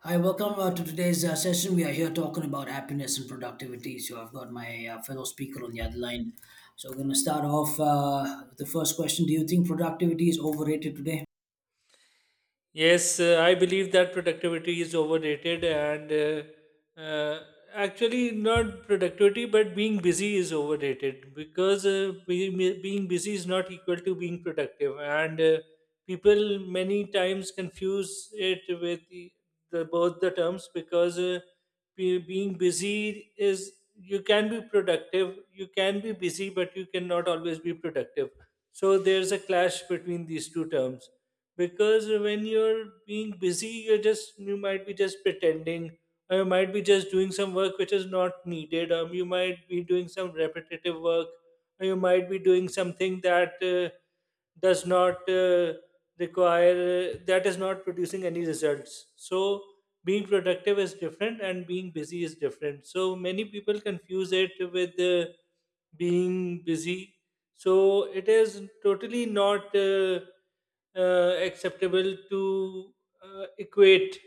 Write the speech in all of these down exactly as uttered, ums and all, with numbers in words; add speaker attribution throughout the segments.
Speaker 1: Hi, welcome uh, to today's uh, session. We are here talking about happiness and productivity. So, I've got my uh, fellow speaker on the other line. So, we're going to start off uh, with the first question. Do you think productivity is overrated today?
Speaker 2: Yes, uh, I believe that productivity is overrated, and uh, uh, actually, not productivity, but being busy is overrated because uh, being, being busy is not equal to being productive. And uh, People many times confuse it with the, the, both the terms because uh, be, being busy is you can be productive, you can be busy, but you cannot always be productive. So there's a clash between these two terms because when you're being busy you're just you might be just pretending, or you might be just doing some work which is not needed, or you might be doing some repetitive work, or you might be doing something that uh, does not uh, require, uh, that is not producing any results. So being productive is different and being busy is different, so many people confuse it with uh, being busy, so it is totally not uh, uh, acceptable to uh, equate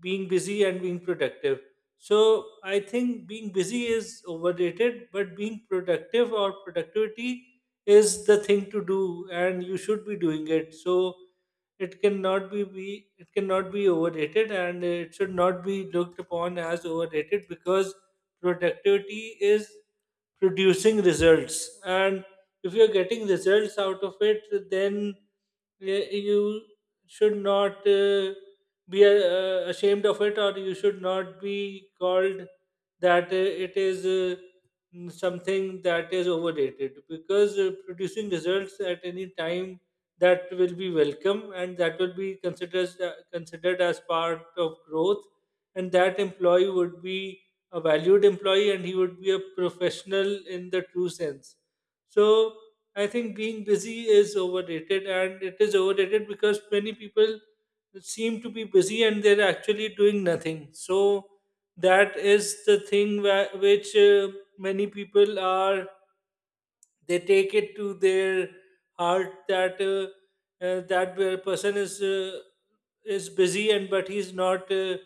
Speaker 2: being busy and being productive. So I think being busy is overrated, but being productive or productivity is the thing to do, and you should be doing it. So it cannot be, be it cannot be overrated, and it should not be looked upon as overrated because productivity is producing results, and if you're getting results out of it, then y- you should not uh, be uh, ashamed of it, or you should not be called that uh, it is uh, mm, something that is overrated, because uh, producing results at any time, that will be welcome and that will be considered as, uh, considered as part of growth, and that employee would be a valued employee and he would be a professional in the true sense. So I think being busy is overrated, and it is overrated because many people seem to be busy and they're actually doing nothing. So that is the thing wha- which uh, many people are, they take it to their heart that uh, uh, that uh, person is uh, is busy, and but he's not uh,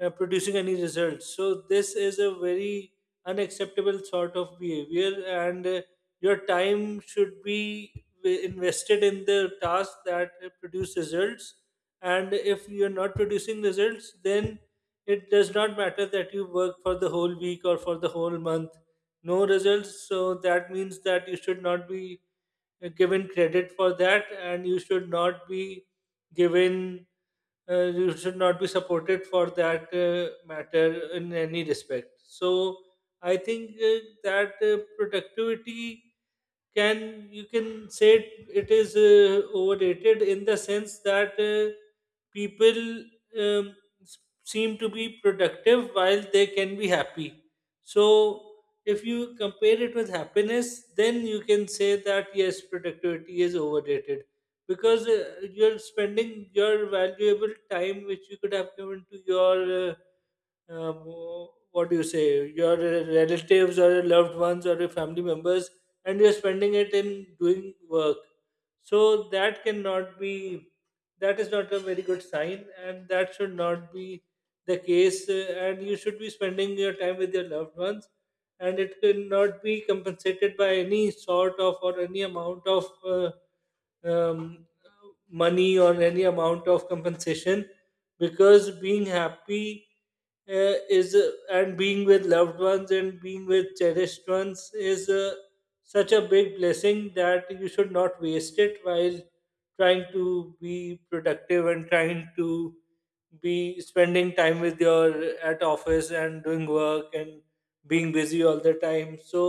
Speaker 2: uh, producing any results. So this is a very unacceptable sort of behavior, and uh, your time should be wi- invested in the task that uh, produce results, and if you're not producing results, then it does not matter that you work for the whole week or for the whole month, no results. So that means that you should not be uh, given credit for that, and you should not be given, uh, you should not be supported for that uh, matter in any respect. So I think uh, that uh, productivity, can you can say it, it is uh, overrated in the sense that uh, people um, s- seem to be productive while they can be happy. So if you compare it with happiness, then you can say that yes, productivity is overrated because uh, you're spending your valuable time which you could have given to your uh, um, what do you say, your relatives or your loved ones or your family members, and you're spending it in doing work. So that cannot be, that is not a very good sign, and that should not be the case. uh, And you should be spending your time with your loved ones, and it cannot be compensated by any sort of or any amount of. Uh, um, money or any amount of compensation, because being happy uh, is uh, and being with loved ones and being with cherished ones is uh, such a big blessing that you should not waste it while trying to be productive and trying to be spending time with your at office and doing work and being busy all the time. So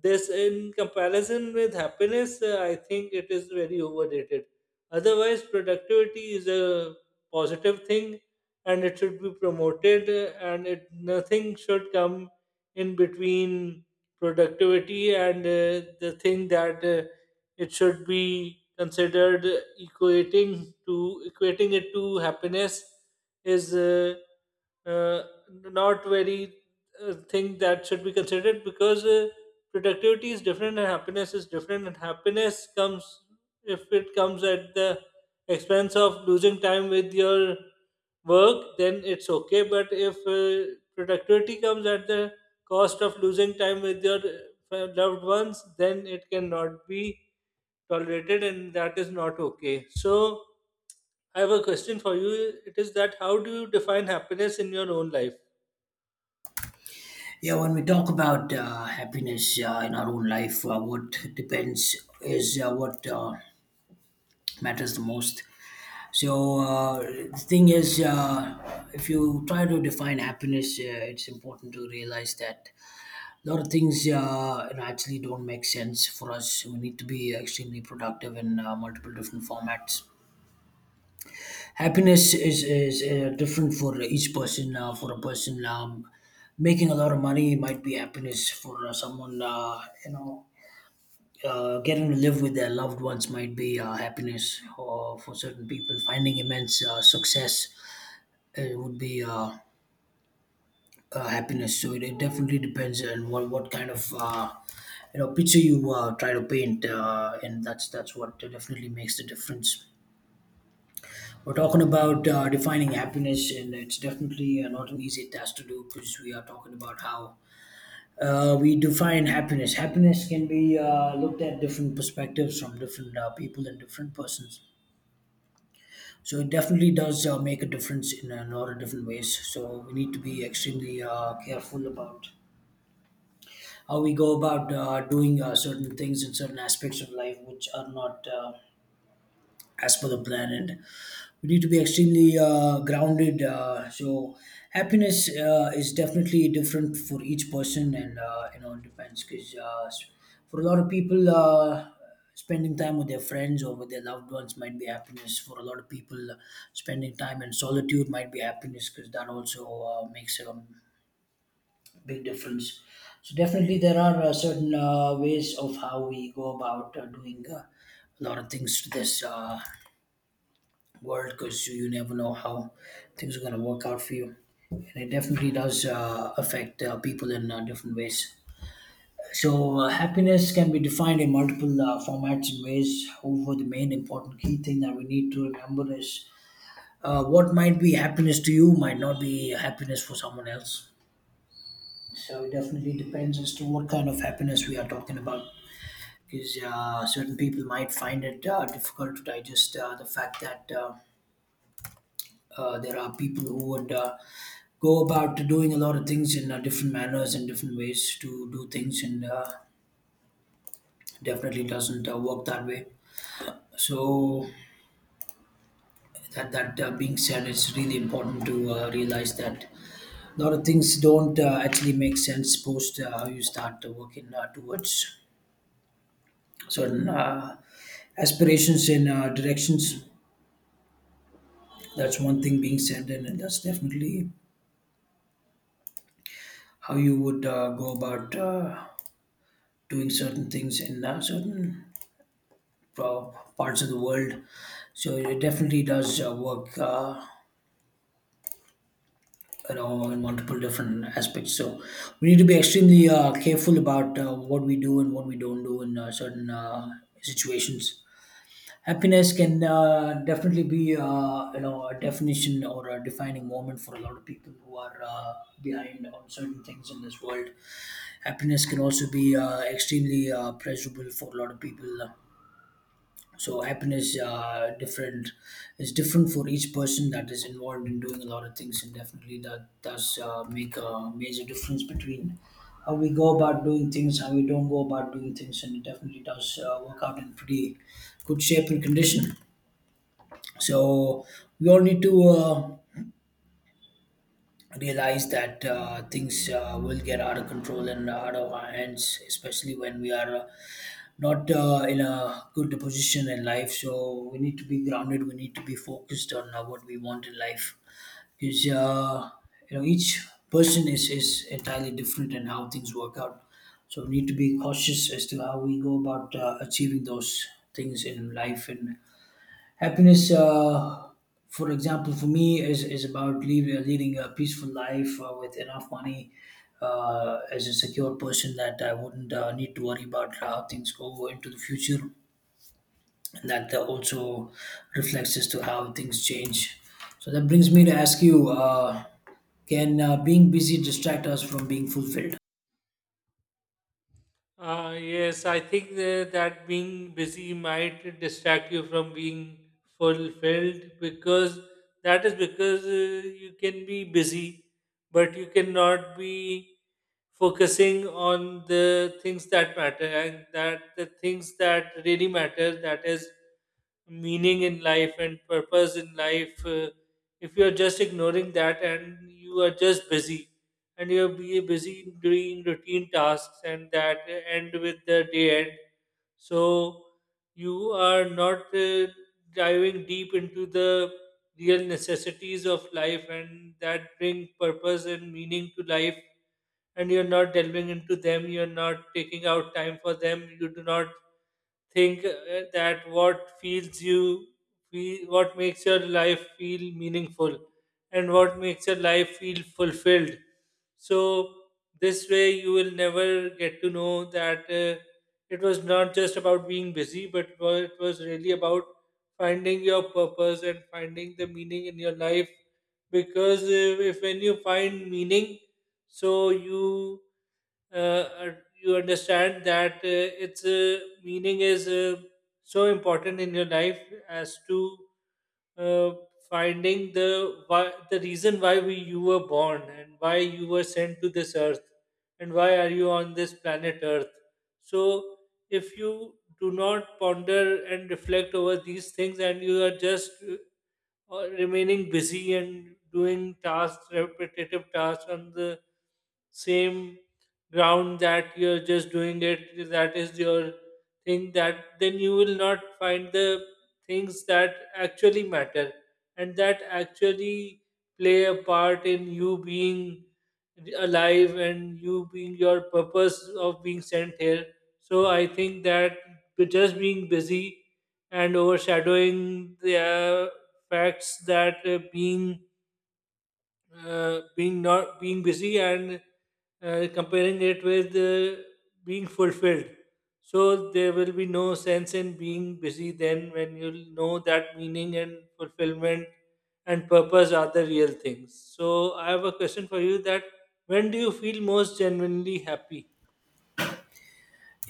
Speaker 2: this in comparison with happiness, uh, I think it is very overrated. Otherwise productivity is a positive thing and it should be promoted, uh, and it, nothing should come in between productivity and uh, the thing that uh, it should be considered. Equating to equating it to happiness is uh, uh, not very uh, thing that should be considered, because uh, productivity is different and happiness is different, and happiness comes, if it comes at the expense of losing time with your work, then it's okay. But if uh, productivity comes at the cost of losing time with your uh, loved ones, then it cannot be tolerated, and that is not okay. So I have a question for you. It is that how do you define happiness in your own life?
Speaker 1: Yeah, when we talk about uh, happiness uh, in our own life, uh, what depends is uh, what uh, matters the most. So uh, the thing is, uh, if you try to define happiness, uh, it's important to realize that a lot of things uh, actually don't make sense for us. We need to be extremely productive in uh, multiple different formats. Happiness is, is uh, different for each person. Uh, for a person um, making a lot of money might be happiness. For uh, someone, uh, you know, uh, getting to live with their loved ones might be uh, happiness. Or for certain people, finding immense uh, success uh, would be. Uh, uh, happiness. So it, it definitely depends on what what kind of uh, you know picture you uh, try to paint, uh, and that's that's what definitely makes the difference. We're talking about uh, defining happiness, and it's definitely uh, not an easy task to do because we are talking about how. Uh, we define happiness. Happiness can be uh, looked at different perspectives from different uh, people and different persons. So it definitely does uh, make a difference in a lot of different ways. So we need to be extremely uh, careful about how we go about uh, doing uh, certain things in certain aspects of life which are not uh, as per the plan, and we need to be extremely uh, grounded, uh, so happiness uh, is definitely different for each person, and uh, you know it depends because uh, s- for a lot of people uh, spending time with their friends or with their loved ones might be happiness. For a lot of people, spending time in solitude might be happiness, because that also uh, makes a big difference. So definitely there are uh, certain uh, ways of how we go about uh, doing uh, a lot of things to this uh, world, because you never know how things are going to work out for you. And it definitely does uh, affect uh, people in uh, different ways. So, uh, happiness can be defined in multiple uh, formats and ways. However, the main important key thing that we need to remember is uh, what might be happiness to you might not be happiness for someone else. So it definitely depends as to what kind of happiness we are talking about, because uh, certain people might find it uh, difficult to digest uh, the fact that uh, uh, there are people who would uh, go about doing a lot of things in uh, different manners and different ways to do things, and uh, definitely doesn't uh, work that way. So that that uh, being said, it's really important to uh, realize that a lot of things don't uh, actually make sense post uh, how you start uh, working uh, towards certain uh, aspirations and uh, directions. That's one thing being said, and that's definitely how you would uh, go about uh, doing certain things in uh, certain pro- parts of the world. So it definitely does uh, work. Uh, you know, in multiple different aspects. So we need to be extremely uh, careful about uh, what we do and what we don't do in uh, certain uh, situations. Happiness can uh, definitely be uh, you know a definition or a defining moment for a lot of people who are uh, behind on certain things in this world. Happiness can also be uh, extremely uh, pleasurable for a lot of people. So happiness uh, different is different for each person that is involved in doing a lot of things, and definitely that does uh, make a major difference between how we go about doing things, how we don't go about doing things, and it definitely does uh, work out in pretty good shape and condition. So we all need to uh, realize that uh, things uh, will get out of control and out of our hands, especially when we are uh, not uh, in a good position in life. So we need to be grounded. We need to be focused on uh, what we want in life, because uh, you know each person is is entirely different in how things work out. So we need to be cautious as to how we go about uh, achieving those things in life. And happiness, uh, for example, for me is, is about lead, leading a peaceful life uh, with enough money, uh, as a secure person that I wouldn't uh, need to worry about how things go into the future. And that uh, also reflects as to how things change. So that brings me to ask you, uh, can uh, being busy distract us from being fulfilled?
Speaker 2: Uh, yes, I think tha- that being busy might distract you from being fulfilled, because that is because uh, you can be busy, but you cannot be focusing on the things that matter and that the things that really matter, that is meaning in life and purpose in life. Uh, if you are just ignoring that and you are just busy, and you're be busy doing routine tasks and that end with the day end. So you are not uh, diving deep into the real necessities of life and that bring purpose and meaning to life, and you're not delving into them, you're not taking out time for them, you do not think uh, that what feels you feel, what makes your life feel meaningful and what makes your life feel fulfilled. So this way you will never get to know that uh, it was not just about being busy, but wa- it was really about finding your purpose and finding the meaning in your life. Because uh, if when you find meaning, so you uh, un- you understand that uh, its uh, meaning is uh, so important in your life, as to uh, finding the why, the reason why we you were born and why you were sent to this earth and why are you on this planet earth. So if you do not ponder and reflect over these things, and you are just uh, uh, remaining busy and doing tasks repetitive tasks on the same ground, that you're just doing it, that is your thing, that then you will not find the things that actually matter and that actually play a part in you being alive and you being your purpose of being sent here. So I think that with just being busy and overshadowing the uh, facts that uh, being uh, being not being busy and uh, comparing it with uh, being fulfilled, so there will be no sense in being busy then, when you'll know that meaning and fulfillment and purpose are the real things. So I have a question for you, that when do you feel most genuinely happy?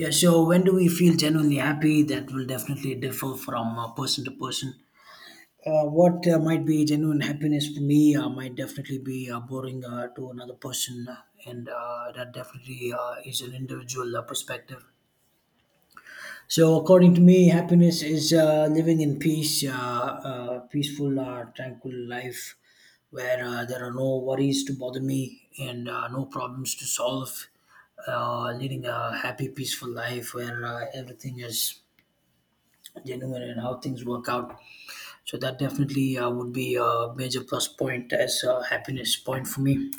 Speaker 1: Yeah, so when do we feel genuinely happy? That will definitely differ from uh, person to person. Uh, what uh, might be genuine happiness for me uh, might definitely be uh, boring uh, to another person, and uh, that definitely uh, is an individual uh, perspective. So, according to me, happiness is uh, living in peace, uh, uh, peaceful, uh, tranquil life where uh, there are no worries to bother me and uh, no problems to solve. Uh, leading a happy, peaceful life where uh, everything is genuine and how things work out. So that definitely uh, would be a major plus point as a happiness point for me.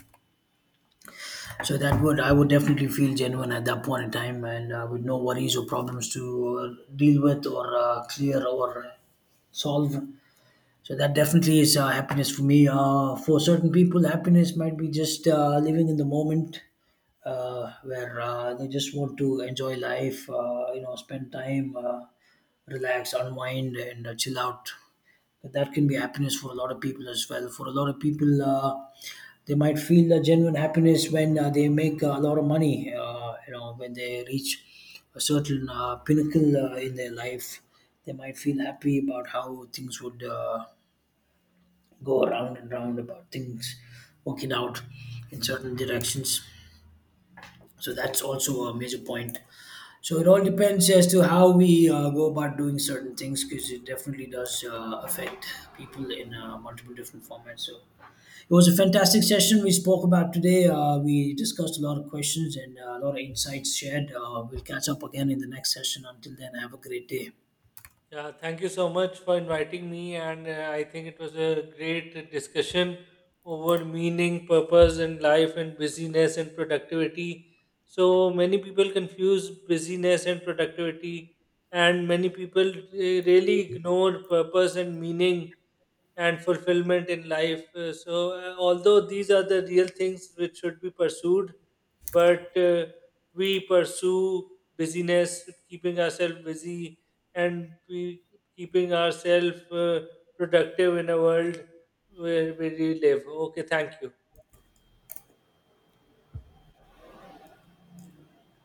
Speaker 1: So that would I would definitely feel genuine at that point in time, and uh, with no worries or problems to uh, deal with or uh, clear or solve. So that definitely is uh, happiness for me. Uh, for certain people, happiness might be just uh, living in the moment, uh, where uh, they just want to enjoy life, uh, you know, spend time, uh, relax, unwind, and uh, chill out. That that can be happiness for a lot of people as well. For a lot of people, uh, they might feel a genuine happiness when uh, they make a lot of money. Uh, you know, when they reach a certain uh, pinnacle uh, in their life, they might feel happy about how things would uh, go around and round about things working out in certain directions. So that's also a major point. So it all depends as to how we uh, go about doing certain things, because it definitely does uh, affect people in uh, multiple different formats. So it was a fantastic session we spoke about today. Uh, we discussed a lot of questions and uh, a lot of insights shared. Uh, we'll catch up again in the next session. Until then, have a great day.
Speaker 2: Yeah, thank you so much for inviting me, and uh, I think it was a great discussion over meaning, purpose in life, and busyness and productivity. So many people confuse busyness and productivity, and many people uh, really ignore purpose and meaning and fulfillment in life. Uh, so, uh, although these are the real things which should be pursued, but uh, we pursue busyness, keeping ourselves busy, and we keeping ourselves uh, productive in a world where we live. Okay, thank you.